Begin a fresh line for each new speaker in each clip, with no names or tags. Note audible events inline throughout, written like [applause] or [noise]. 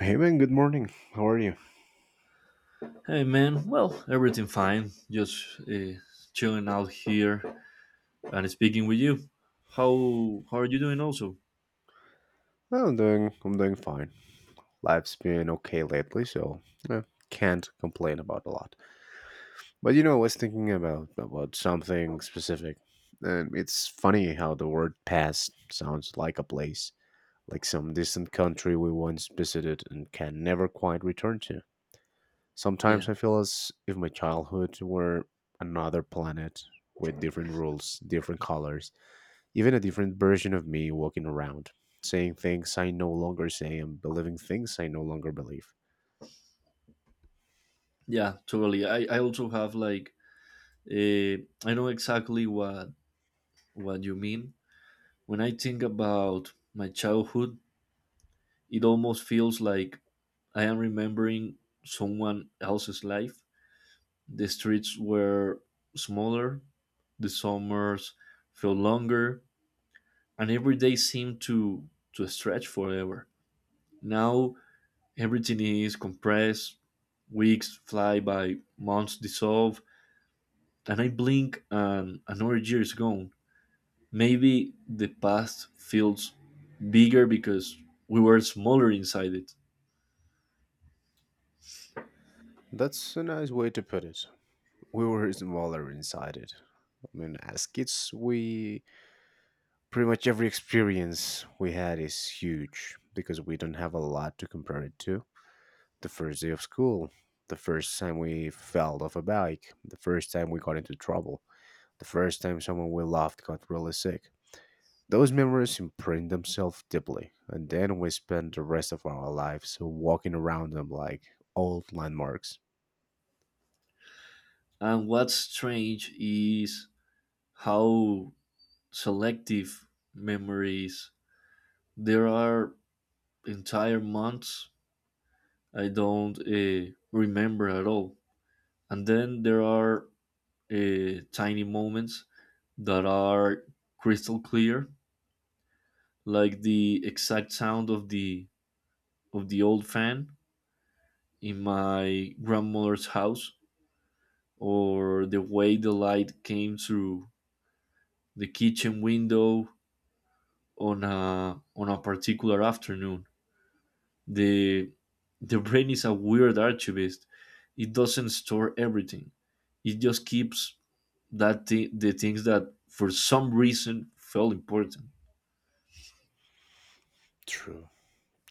Hey man, good morning. How are you?
Hey man, well, everything fine. Just chilling out here and speaking with you. How are you doing? Also,
Oh, I'm doing fine. Life's been okay lately, so eh, can't complain about a lot. But I was thinking about something specific. And it's funny how the word past sounds like a place, like some distant country we once visited and can never quite return to. Sometimes
yeah,
I feel as if my childhood were another planet with different rules, different colors. Even a different version of me walking around, saying things I no longer say and believing things I no longer believe.
yeah, totally. I also have like I know exactly what you mean. When I think about my childhood, it almost feels like I am remembering someone else's life. The streets were smaller, the summers felt longer, and every day seemed to stretch forever. Now everything is compressed, weeks fly by, months dissolve, and I blink and another year is gone. Maybe the past feels bigger because we were smaller inside it.
That's a nice way to put it. We were smaller inside it. I mean, as kids, we pretty much every experience we had is huge because we don't have a lot to compare it to. The first day of school, the first time we fell off a bike, the first time we got into trouble, the first time someone we loved got really sick, those memories imprint themselves deeply, and then we spend the rest of our lives walking around them like old landmarks.
And what's strange is how selective memory is. There are entire months I don't remember at all. And then there are tiny moments that are crystal clear, like the exact sound of the old fan in my grandmother's house, or the way the light came through the kitchen window on a particular afternoon. The the brain is a weird archivist. It doesn't store everything. It just keeps the things that for some reason felt important.
True,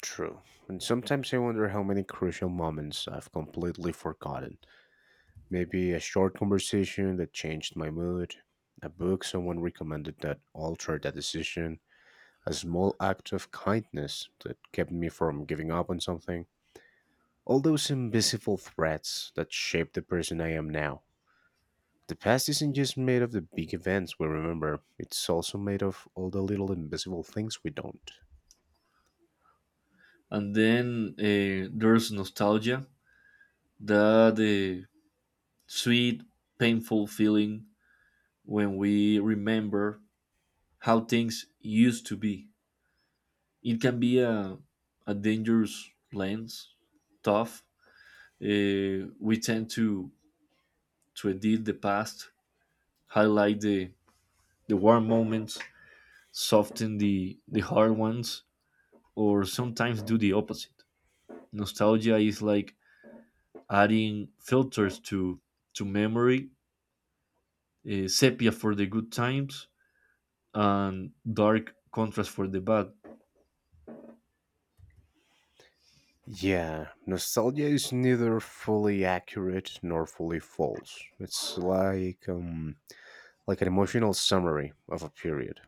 true. And sometimes I wonder how many crucial moments I've completely forgotten. Maybe a short conversation that changed my mood, a book someone recommended that altered a decision, a small act of kindness that kept me from giving up on something. All those invisible threads that shape the person I am now. The past isn't just made of the big events we remember, it's also made of all the little invisible things we don't.
And then there's nostalgia, that sweet, painful feeling when we remember how things used to be. It can be a dangerous lens, tough. We tend to edit the past, highlight the warm moments, soften the hard ones, or sometimes do the opposite. Nostalgia is like adding filters to memory sepia for the good times, and dark contrast for the bad.
Yeah, nostalgia is neither fully accurate nor fully false. It's like an emotional summary of a period.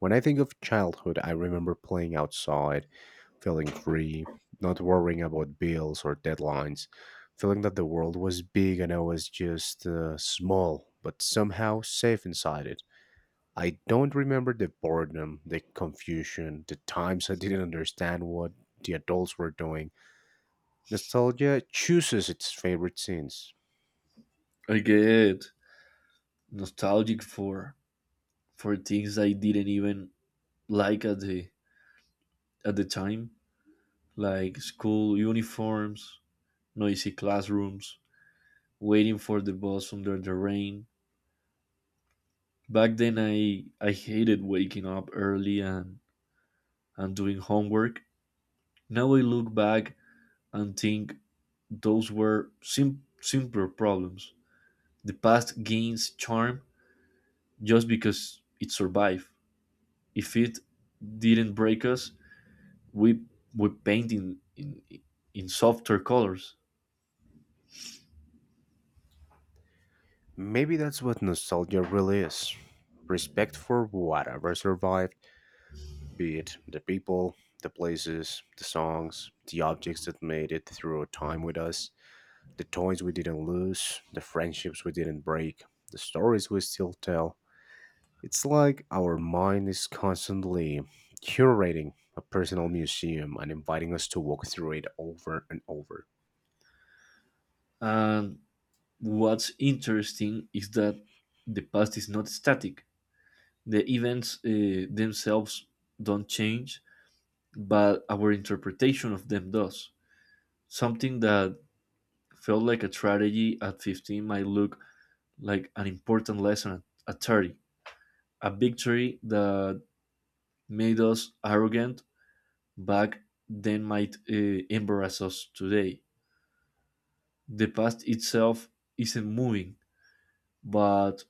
When I think of childhood, I remember playing outside, feeling free, not worrying about bills or deadlines, feeling that the world was big and I was just small, but somehow safe inside it. I don't remember the boredom, the confusion, the times I didn't understand what the adults were doing. Nostalgia chooses its favorite scenes.
I get nostalgic for things I didn't even like at the time, like school uniforms, noisy classrooms, waiting for the bus under the rain. Back then, I hated waking up early and doing homework. Now I look back and think those were simpler problems. The past gains charm just because it survived. If it didn't break us, we we paint in softer colors.
Maybe that's what nostalgia really is, respect for whatever survived, be it the people, the places, the songs, the objects that made it through time with us. The toys we didn't lose, the friendships we didn't break, the stories we still tell. It's like our mind is constantly curating a personal museum and inviting us to walk through it over and over.
And what's interesting is that the past is not static. The events themselves don't change, but our interpretation of them does. Something that felt like a tragedy at 15 might look like an important lesson at 30. A victory that made us arrogant back then might embarrass us today. The past itself isn't moving, but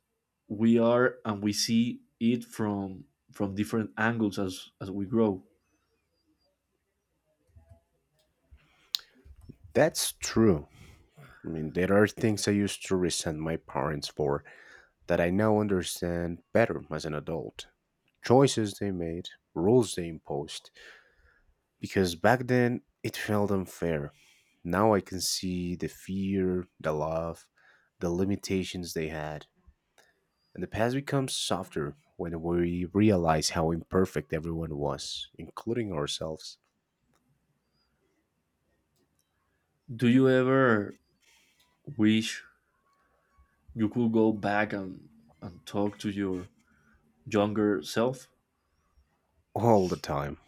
we are, and we see it from different angles as we grow.
That's true. I mean, there are things I used to resent my parents for that I now understand better as an adult. Choices they made, rules they imposed, because back then it felt unfair. Now I can see the fear, the love, the limitations they had. And the past becomes softer when we realize how imperfect everyone was, including ourselves.
Do you ever wish you could go back and talk to your younger self?
All the time.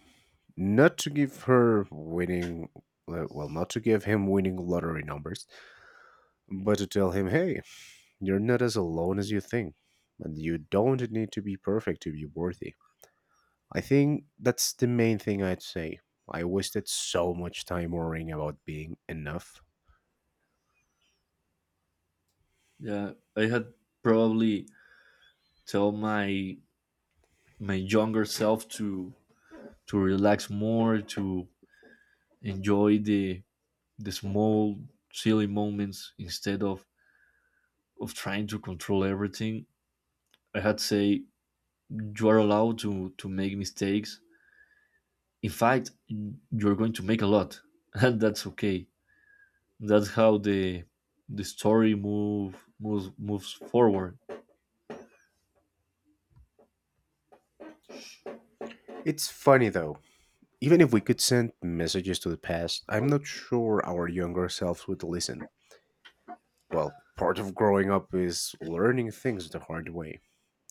Not to give her winning, well, not to give him winning lottery numbers, but to tell him, hey, you're not as alone as you think, and you don't need to be perfect to be worthy. I think that's the main thing I'd say. I wasted so much time worrying about being enough.
Yeah, I had probably tell my younger self to relax more, to enjoy the small silly moments instead of trying to control everything. I had to say, you are allowed to make mistakes. In fact, you're going to make a lot [laughs] and that's okay. That's how the story moves forward.
It's funny though, even if we could send messages to the past, I'm not sure our younger selves would listen. Well, part of growing up is learning things the hard way.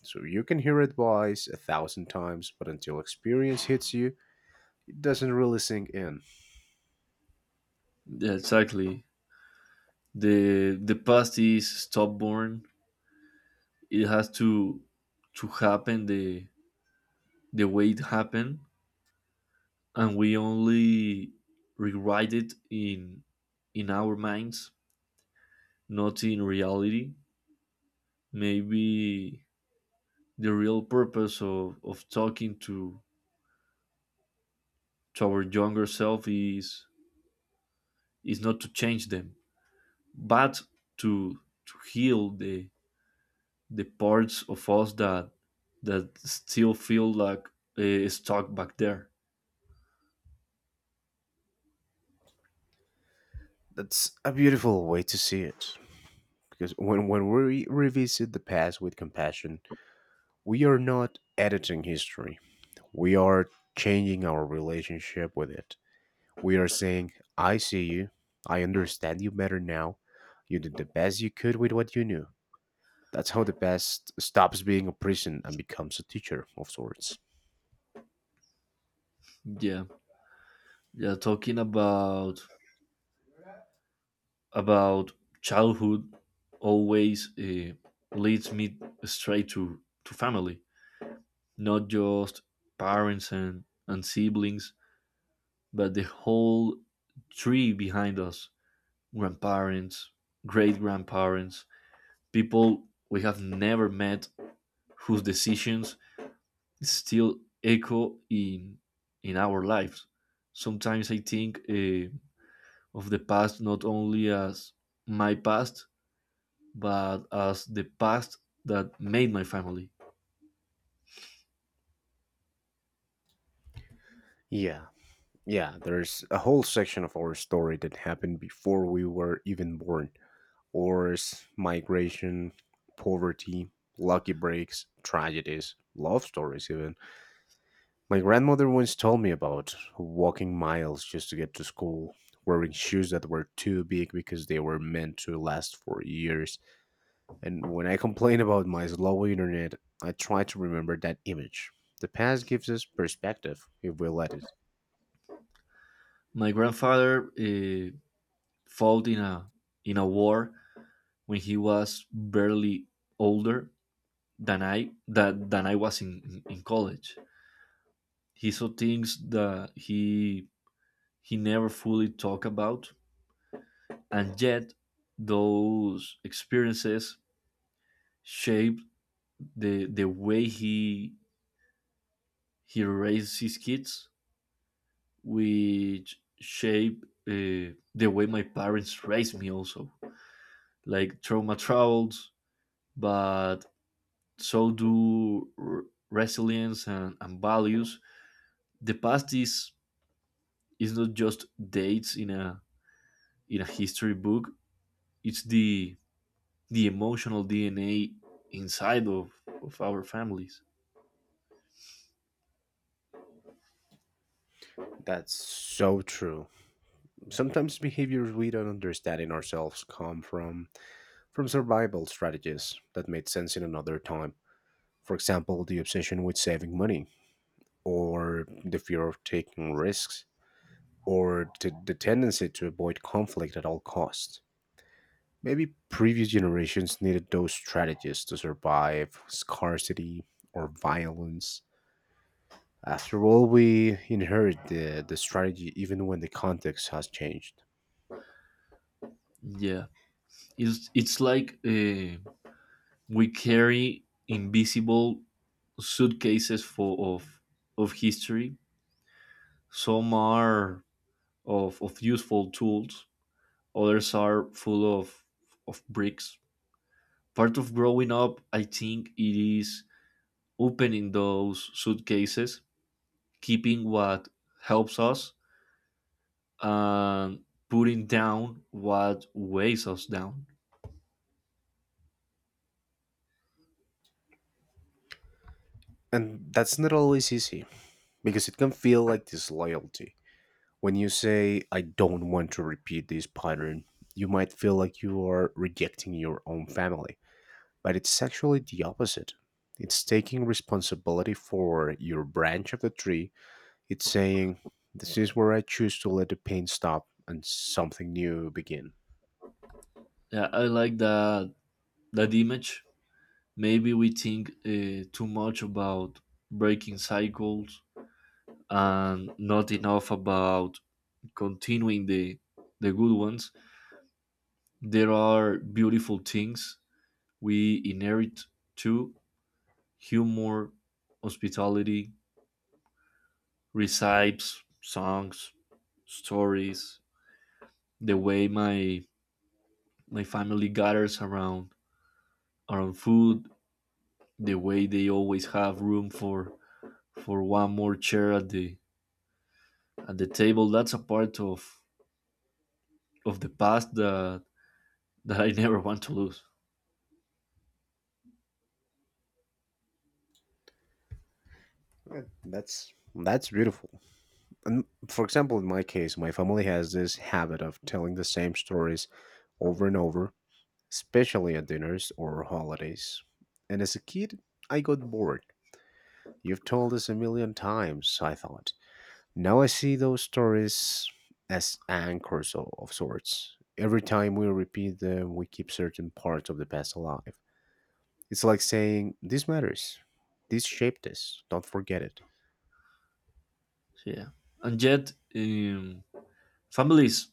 So you can hear advice a thousand times, but until experience hits you, it doesn't really sink in.
Yeah, exactly. The past is stubborn. It has to happen the way it happened, and we only rewrite it in our minds, not in reality. Maybe the real purpose of talking to our younger self is not to change them, but to to heal the parts of us that that still feel like stuck back there.
That's a beautiful way to see it. Because when we revisit the past with compassion, we are not editing history. We are changing our relationship with it. We are saying, I see you. I understand you better now. You did the best you could with what you knew. That's how the past stops being a prison and becomes a teacher of sorts.
Yeah, yeah, talking about childhood always leads me straight to family, not just parents and siblings, but the whole tree behind us, grandparents, great grandparents, people we have never met whose decisions still echo in our lives. Sometimes I think of the past not only as my past, but as the past that made my family.
Yeah, yeah, there's a whole section of our story that happened before we were even born. Wars, migration, poverty, lucky breaks, tragedies, love stories, even. My grandmother once told me about walking miles just to get to school, wearing shoes that were too big because they were meant to last for years. And when I complain about my slow internet, I try to remember that image. The past gives us perspective if we let it.
My grandfather fought in a war when he was barely older than I was in college. He saw things that he never fully talked about, and yet those experiences shaped the way he raised his kids, which shape the way my parents raised me also. Like trauma travels, but so do resilience and values. The past is not just dates in a history book. It's the emotional DNA inside of our families.
That's so true. Sometimes behaviors we don't understand in ourselves come from survival strategies that made sense in another time. For example, the obsession with saving money or the fear of taking risks or the tendency to avoid conflict at all costs. Maybe previous generations needed those strategies to survive scarcity or violence. After all, we inherit the strategy even when the context has changed.
Yeah, it's like we carry invisible suitcases for of history. Some are of useful tools, others are full of bricks. Part of growing up, I think, it is opening those suitcases, keeping what helps us, and putting down what weighs us down.
And that's not always easy because it can feel like disloyalty. When you say, I don't want to repeat this pattern, you might feel like you are rejecting your own family, but it's actually the opposite. It's taking responsibility for your branch of the tree. It's saying, this is where I choose to let the pain stop and something new begin.
Yeah, I like that that image. Maybe we think too much about breaking cycles and not enough about continuing the good ones. There are beautiful things we inherit too, humor, hospitality, recipes, songs, stories, the way my family gathers around food, the way they always have room for one more chair at the table. That's a part of the past that that I [laughs] never want to lose.
That's beautiful. And for example, in my case, my family has this habit of telling the same stories over and over, especially at dinners or holidays. And as a kid, I got bored. You've told this a million times, I thought. Now I see those stories as anchors of sorts. Every time we repeat them, we keep certain parts of the past alive. It's like saying, this matters. This shaped us. Don't forget it.
So, yeah, and yet families,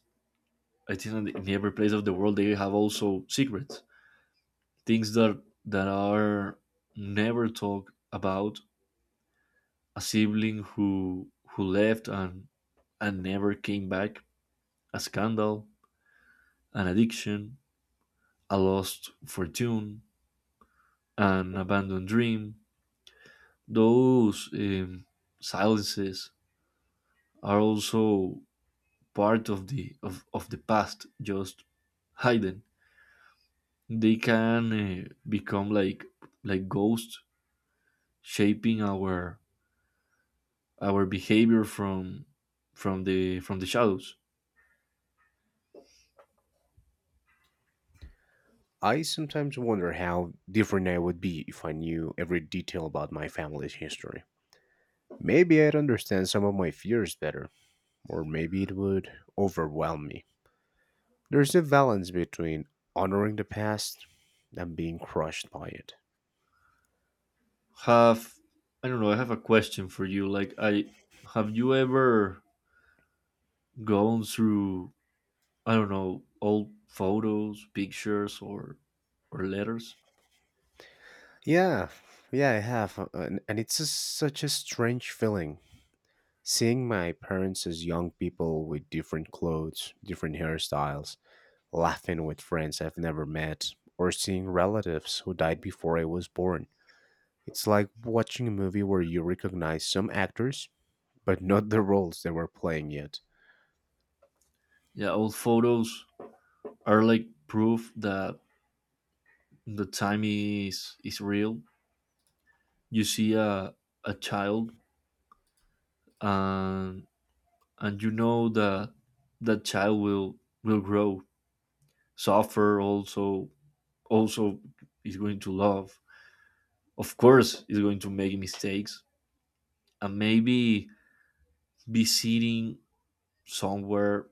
I think, in every place of the world, they have also secrets, things that that are never talked about, a sibling who left and never came back, a scandal, an addiction, a lost fortune, an abandoned dream. Those silences are also part of of the past, just hidden. They can become like ghosts shaping our behavior from the shadows.
I sometimes wonder how different I would be if I knew every detail about my family's history. Maybe I'd understand some of my fears better, or maybe it would overwhelm me. There's a balance between honoring the past and being crushed by it.
Have, I don't know, I have a question for you, like, I, have you ever gone through, I don't know, old photos, pictures or letters?
Yeah, yeah, I have, and it's just such a strange feeling seeing my parents as young people with different clothes, different hairstyles, laughing with friends I've never met, or seeing relatives who died before I was born. It's like watching a movie where you recognize some actors, but not the roles they were playing yet,
Yeah, old photos are like proof that the time is real. You see a child, and and you know that that child will grow, suffer also, also is going to love, of course, is going to make mistakes, and maybe be sitting somewhere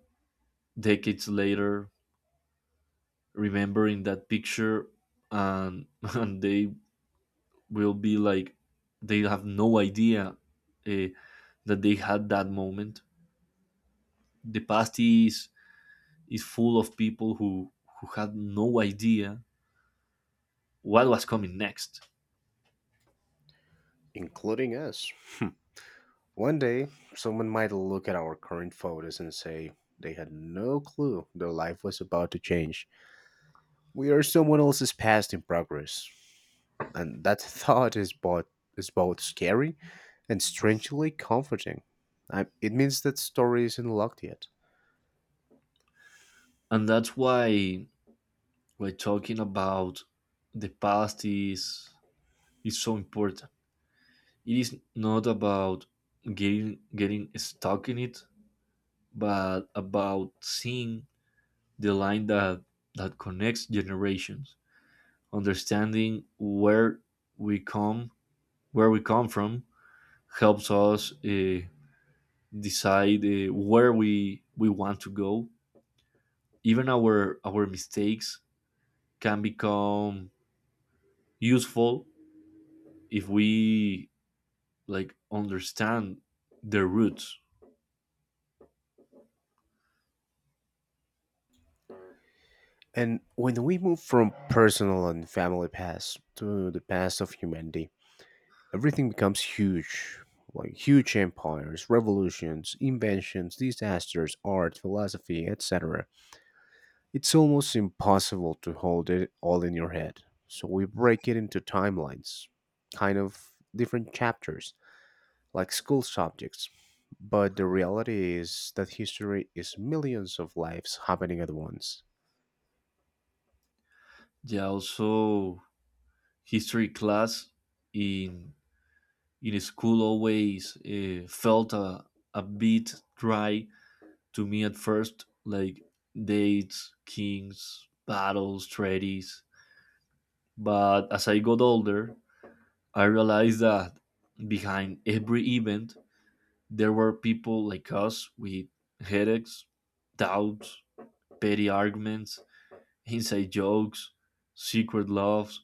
decades later, remembering that picture, and [laughs] and they will be like, they have no idea uh, that they had that moment. The past is full of people who had no idea what was coming next,
including us. [laughs] One day, someone might look at our current photos and say they had no clue their life was about to change. We are someone else's past in progress, and that [laughs] thought is both scary and strangely comforting. It means that story isn't locked yet.
and that's why we're talking about the past is so important. It is not about getting stuck in it, but about seeing the line that connects generations. Understanding we come where we come from helps us decide where we want to go. Even our mistakes can become useful if we like understand the roots.
And when we move from personal and family past to the past of humanity, everything becomes huge. Like huge empires, revolutions, inventions, disasters, art, philosophy, etc. It's almost impossible to hold it all in your head. So we break it into timelines, kind of different chapters, like school subjects. But the reality is that history is millions of lives happening at once.
Yeah, also history class in in school always felt a bit dry to me at first, like dates, kings, battles, treaties. But as I got older, I realized that behind every event, there were people like us with headaches, doubts, petty arguments, inside jokes, secret loves.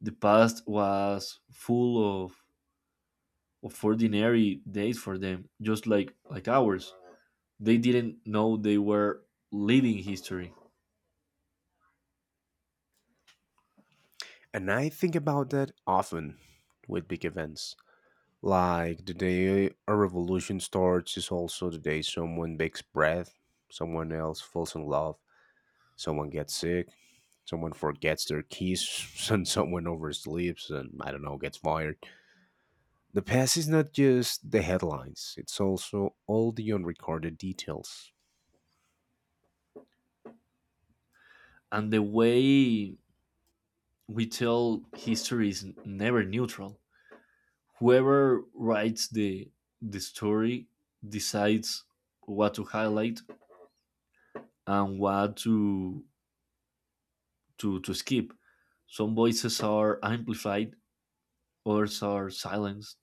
The past was full of ordinary days for them, just like ours. They didn't know they were living history,
And I think about that often with big events. Like the day a revolution starts is also the day someone takes breath, someone else falls in love, someone gets sick, someone forgets their keys [laughs] and someone oversleeps and, I don't know, gets fired. The past is not just the headlines, it's also all the unrecorded details.
and the way we tell history is never neutral. Whoever writes the story decides what to highlight and what to skip. Some voices are amplified, others are silenced.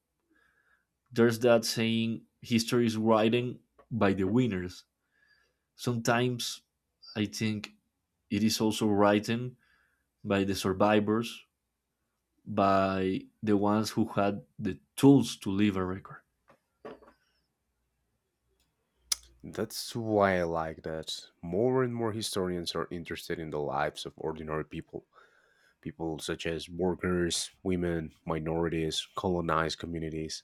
There's that saying, history is written by the winners. Sometimes I think it is also written by the survivors, by the ones who had the tools to leave a record.
That's why I like that. More and more historians are interested in the lives of ordinary people. People such as workers, women, minorities, colonized communities.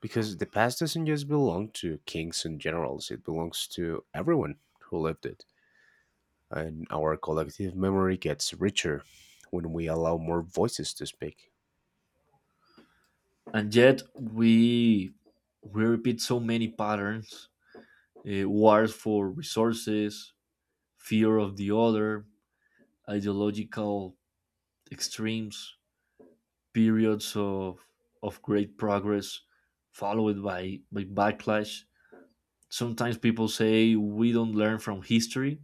Because the past doesn't just belong to kings and generals, it belongs to everyone who lived it. And our collective memory gets richer when we allow more voices to speak.
And yet we repeat so many patterns: wars for resources, fear of the other, ideological extremes, periods of great progress followed by backlash. Sometimes people say we don't learn from history.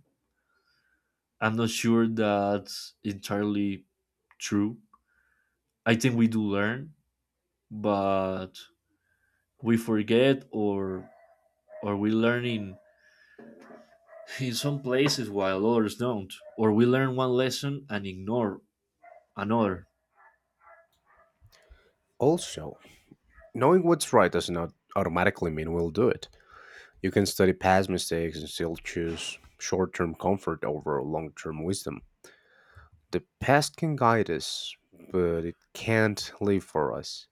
I'm not sure that's entirely true. I think we do learn, but we forget, or we learn in some places while others don't. Or we learn one lesson and ignore another.
Also, knowing what's right does not automatically mean we'll do it. You can study past mistakes and still choose short term comfort over long term wisdom. The past can guide us, but it can't live for us.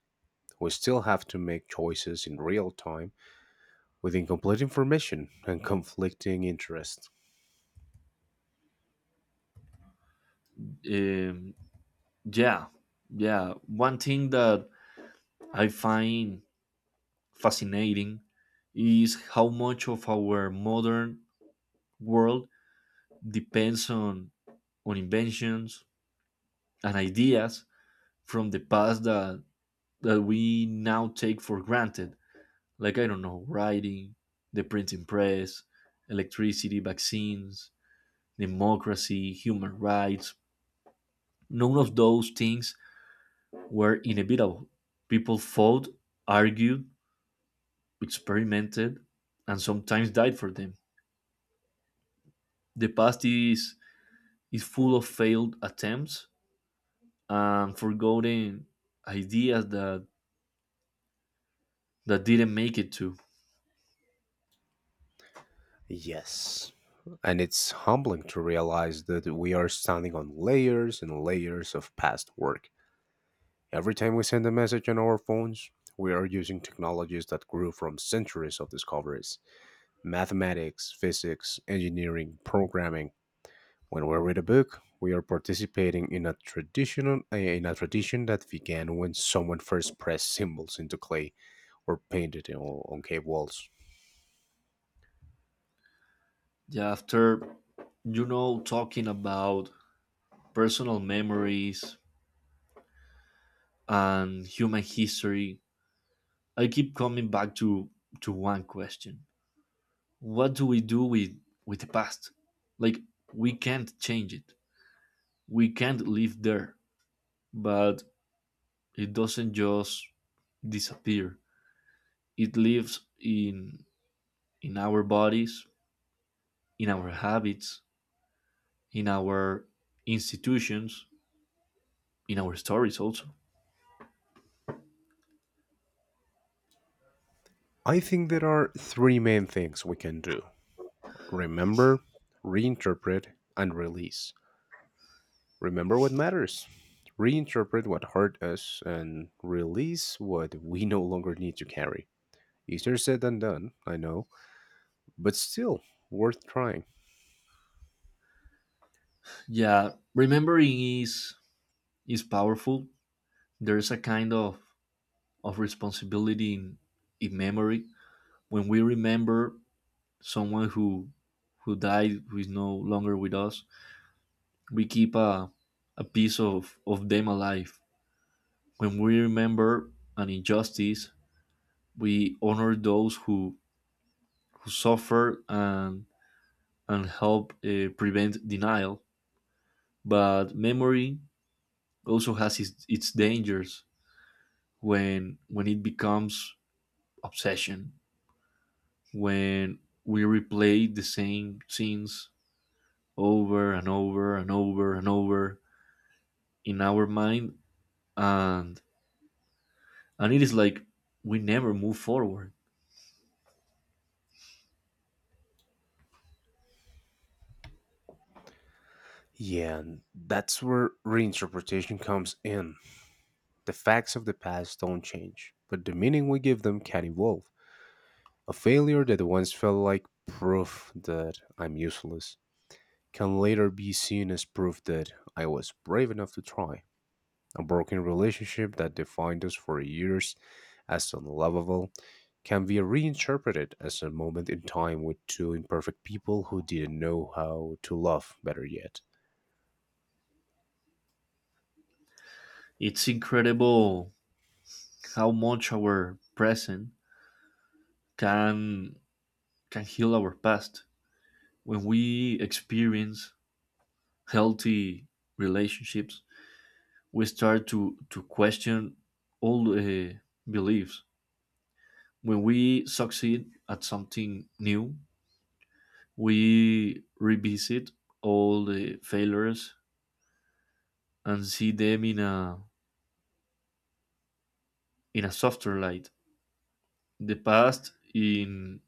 We still have to make choices in real time with incomplete information and conflicting interests.
Um, yeah, yeah. One thing that I find fascinating is how much of our modern world depends on inventions and ideas from the past that that we now take for granted, like, I don't know, writing, the printing press, electricity, vaccines, democracy, human rights. None of those things were inevitable. People fought, argued, experimented, and sometimes died for them. The past is full of failed attempts and forgotten ideas that didn't make it to.
Yes. And it's humbling to realize that we are standing on layers and layers of past work. Every time we send a message on our phones, we are using technologies that grew from centuries of discoveries: mathematics, physics, engineering, programming. When we read a book, we are participating in a tradition that began when someone first pressed symbols into clay or painted on cave walls.
Yeah, after, you know, talking about personal memories and human history, I keep coming back to one question: what do we do with the past? Like, we can't change it, we can't live there, but it doesn't just disappear. It lives in our bodies, in our habits, in our institutions, in our stories also.
I think there are three main things we can do: remember, reinterpret, and release. Remember what matters. Reinterpret what hurt us and release what we no longer need to carry. Easier said than done, I know, but still worth trying.
Yeah, remembering is powerful. There's a kind of responsibility in memory when we remember someone who died, who is no longer with us. We keep a piece of them alive. When we remember an injustice, we honor those who suffer and and help prevent denial. But memory also has its dangers, when it becomes obsession, when we replay the same scenes over and over and over and over in our mind, and and it is like we never move forward.
Yeah, and that's where reinterpretation comes in. The facts of the past don't change, but the meaning we give them can evolve. A failure that once felt like proof that I'm useless can later be seen as proof that I was brave enough to try. A broken relationship that defined us for years as unlovable can be reinterpreted as a moment in time with two imperfect people who didn't know how to love better yet.
It's incredible how much our present can can heal our past. When we experience healthy relationships, we start to question all the beliefs. When we succeed at something new, we revisit all the failures and see them in a softer light. The past, in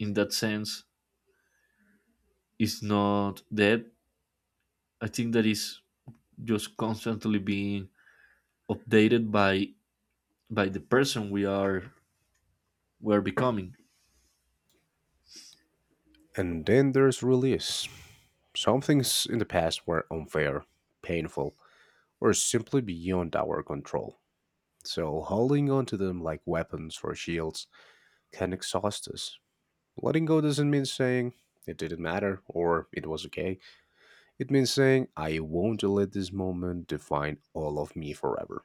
in that sense, is not dead. I think that is just constantly being updated by the person we are, we are becoming.
And then there's release. Some things in the past were unfair, painful, or simply beyond our control. So holding on to them like weapons or shields can exhaust us. Letting go doesn't mean saying it didn't matter or it was okay. It means saying I won't let this moment define all of me forever.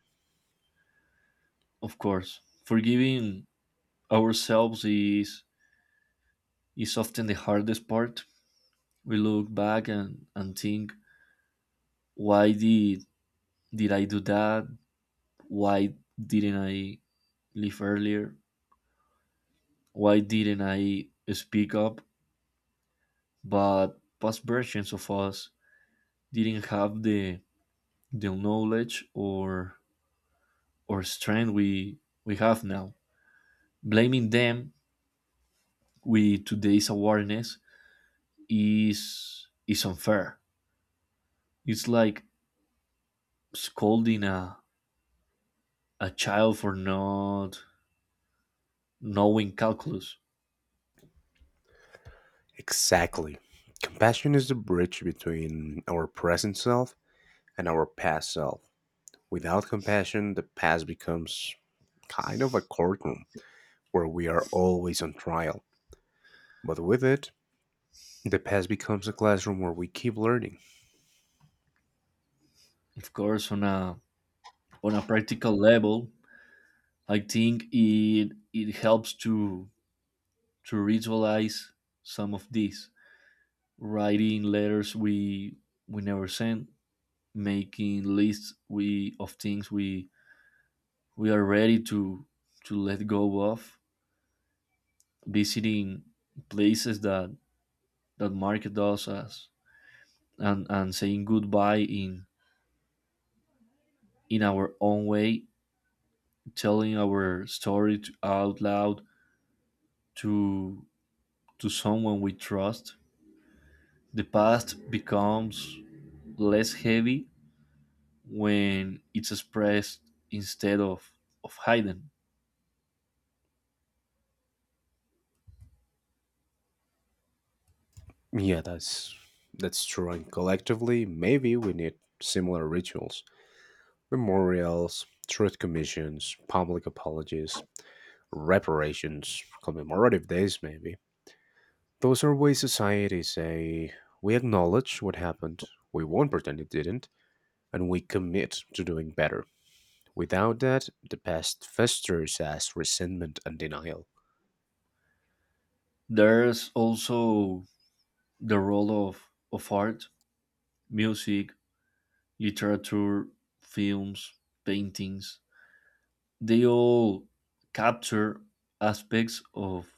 Of course, forgiving ourselves is often the hardest part. We look back and think, why did I do that? Why didn't I live earlier? Why didn't I speak up? But past versions of us didn't have the knowledge or strength we have now. Blaming them with today's awareness is unfair. It's like scolding a child for not knowing calculus.
Exactly. Compassion is the bridge between our present self and our past self. Without compassion, the past becomes kind of a courtroom where we are always on trial. But with it, the past becomes a classroom where we keep learning.
Of course, on a practical level, I think it helps to ritualize some of this: writing letters we never sent, making lists we of things we are ready to let go of, visiting places that market us as, and saying goodbye in our own way, telling our story to, out loud to to someone we trust. The past becomes less heavy when it's expressed instead of hidden.
Yeah, that's true. And collectively, maybe we need similar rituals. Memorials, truth commissions, public apologies, reparations, commemorative days, maybe. Those are ways society say we acknowledge what happened, we won't pretend it didn't, and we commit to doing better. Without that, the past festers as resentment and denial.
There's also the role of art, music, literature, films, paintings. They all capture aspects of,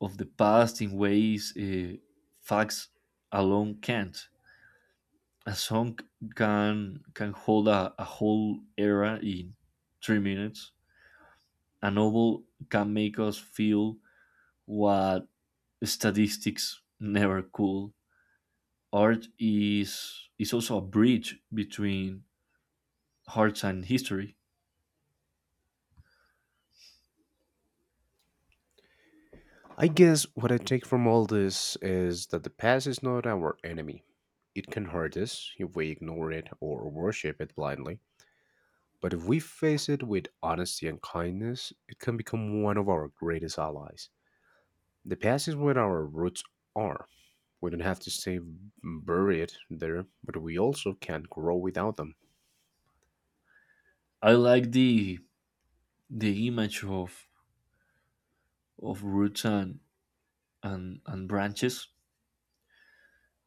of the past in ways facts alone can't. A song can hold a whole era in 3 minutes. A novel can make us feel what statistics never could. Art is also a bridge between arts and history.
I guess what I take from all this is that the past is not our enemy. It can hurt us if we ignore it or worship it blindly. But if we face it with honesty and kindness, it can become one of our greatest allies. The past is where our roots are. We don't have to stay buried there, but we also can't grow without them.
I like the image of roots and branches.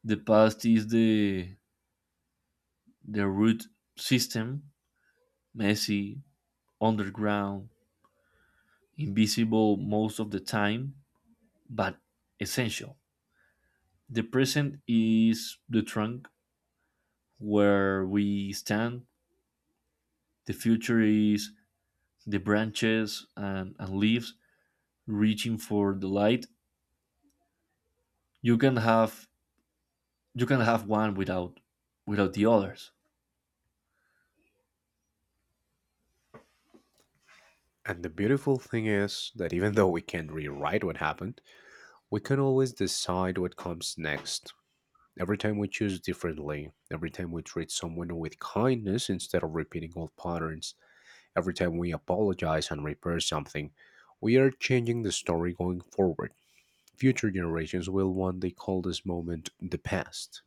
The past is the root system, messy, underground, invisible most of the time, but essential. The present is the trunk where we stand. The future is the branches and leaves reaching for the light. You can have you can have one without without the others.
And the beautiful thing is that even though we can't rewrite what happened, we can always decide what comes next. Every time we choose differently, every time we treat someone with kindness instead of repeating old patterns, every time we apologize and repair something, we are changing the story going forward. Future generations will want they call this moment the past.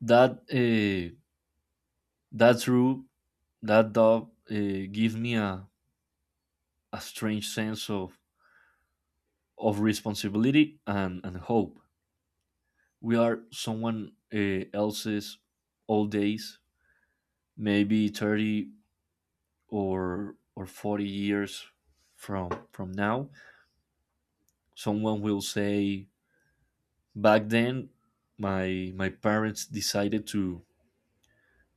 that uh, that's true. That dog uh, gives me a strange sense of responsibility and hope. We are someone else's old days. Maybe 30 or 40 years from now, someone will say, back then my parents decided to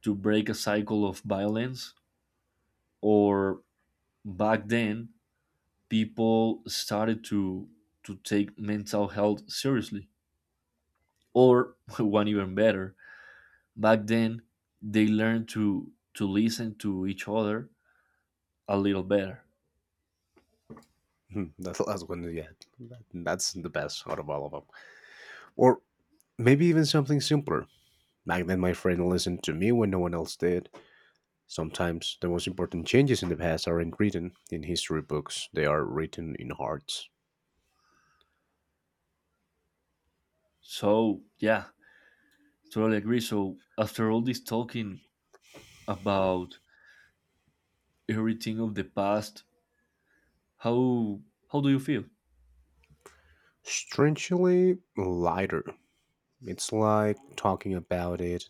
to break a cycle of violence. Or back then people started to take mental health seriously. Or [laughs] one even better: back then they learned to listen to each other a little better.
Hmm. That's the last one, yeah. That's the best out of all of them. Or maybe even something simpler. Back then, my friend listened to me when no one else did. Sometimes the most important changes in the past aren't written in history books, they are written in hearts.
So yeah, totally agree. So after all this talking about everything of the past, how how do you feel?
Strangely lighter. It's like talking about it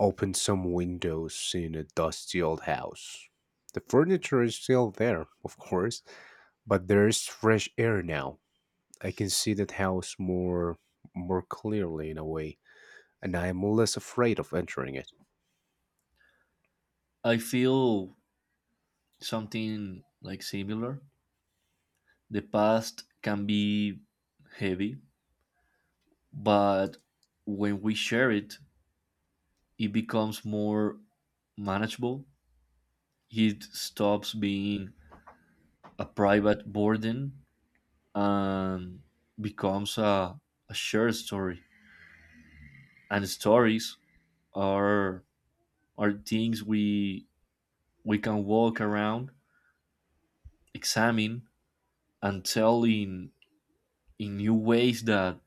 opened some windows in a dusty old house. The furniture is still there, of course, but there's fresh air now. I can see that house more clearly in a way, and I am less afraid of entering it.
I feel something like similar. The past can be heavy, but when we share it, it becomes more manageable. It stops being a private burden and becomes a shared story. And stories are are things we can walk around, examine, and tell in new ways that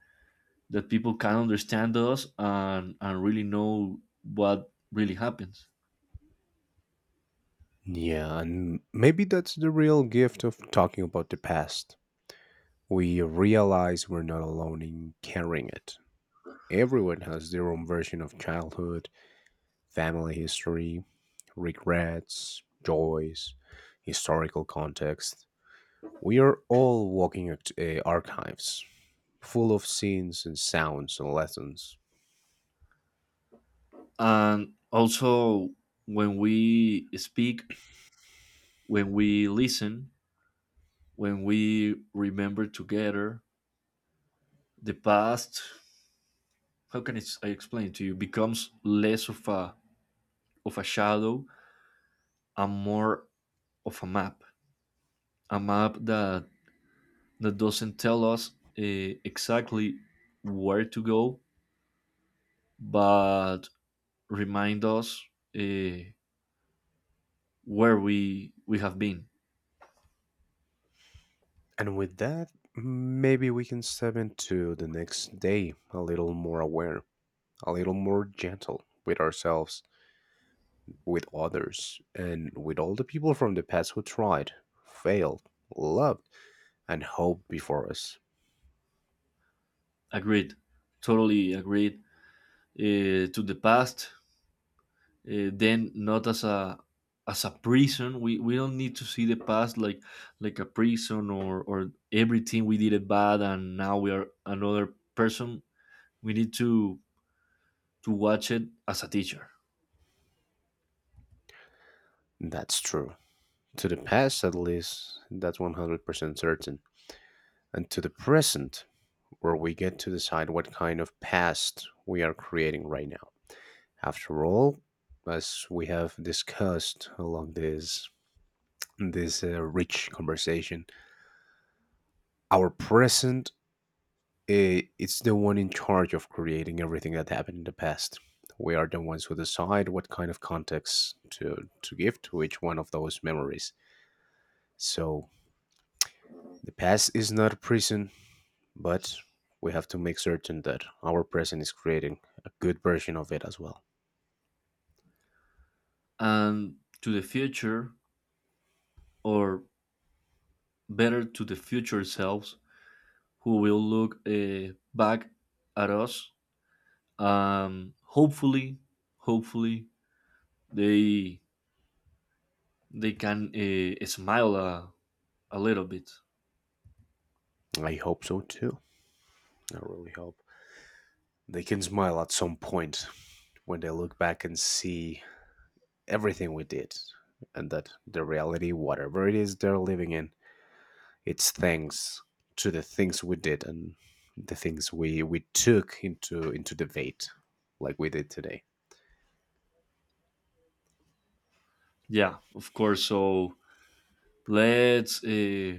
that people can understand us and really know what really happens.
Yeah, and maybe that's the real gift of talking about the past. We realize we're not alone in carrying it. Everyone has their own version of childhood, family history, regrets, joys, historical context. We are all walking archives, full of scenes and sounds and lessons.
And also, when we speak, when we listen, when we remember together, the past, how can it, I explain to you, becomes less of a shadow and more of a map. A map that doesn't tell us uh, exactly where to go, but remind us uh, where we have been.
And with that, maybe we can step into the next day a little more aware, a little more gentle with ourselves, with others, and with all the people from the past who tried, failed, loved, and hoped before us.
Agreed, totally agreed. To the past then, not as a as a prison. We don't need to see the past like a prison or everything we did it bad and now we are another person. We need to watch it as a teacher.
That's true. To the past, at least, that's 100% certain. And to the present, where we get to decide what kind of past we are creating right now. After all, as we have discussed along this rich conversation. Our present, it's the one in charge of creating everything that happened in the past. We are the ones who decide what kind of context to give to each one of those memories. So the past is not a prison, but we have to make certain that our present is creating a good version of it as well.
And to the future, or better, to the future selves who will look back at us. Hopefully, hopefully they they can smile a little bit.
I hope so too. I really hope they can smile at some point when they look back and see everything we did and that the reality, whatever it is they're living in, it's thanks to the things we did and the things we took into debate like we did today.
Yeah, of course. So let's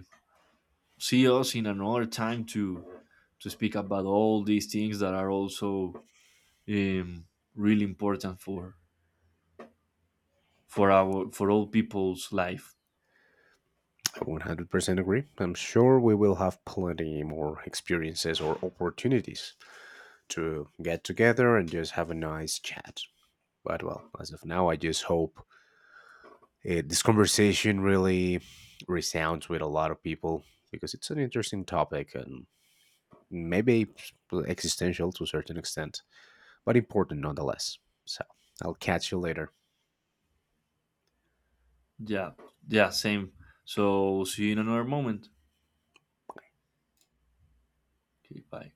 see us in another time to speak about all these things that are also um, really important for our for all people's life.
I 100% agree. I'm sure we will have plenty more experiences or opportunities to get together and just have a nice chat. But well, as of now, I just hope this conversation really resounds with a lot of people because it's an interesting topic and maybe existential to a certain extent, but important nonetheless. So I'll catch you later.
Yeah, yeah, same. So see you in another moment. Okay, bye.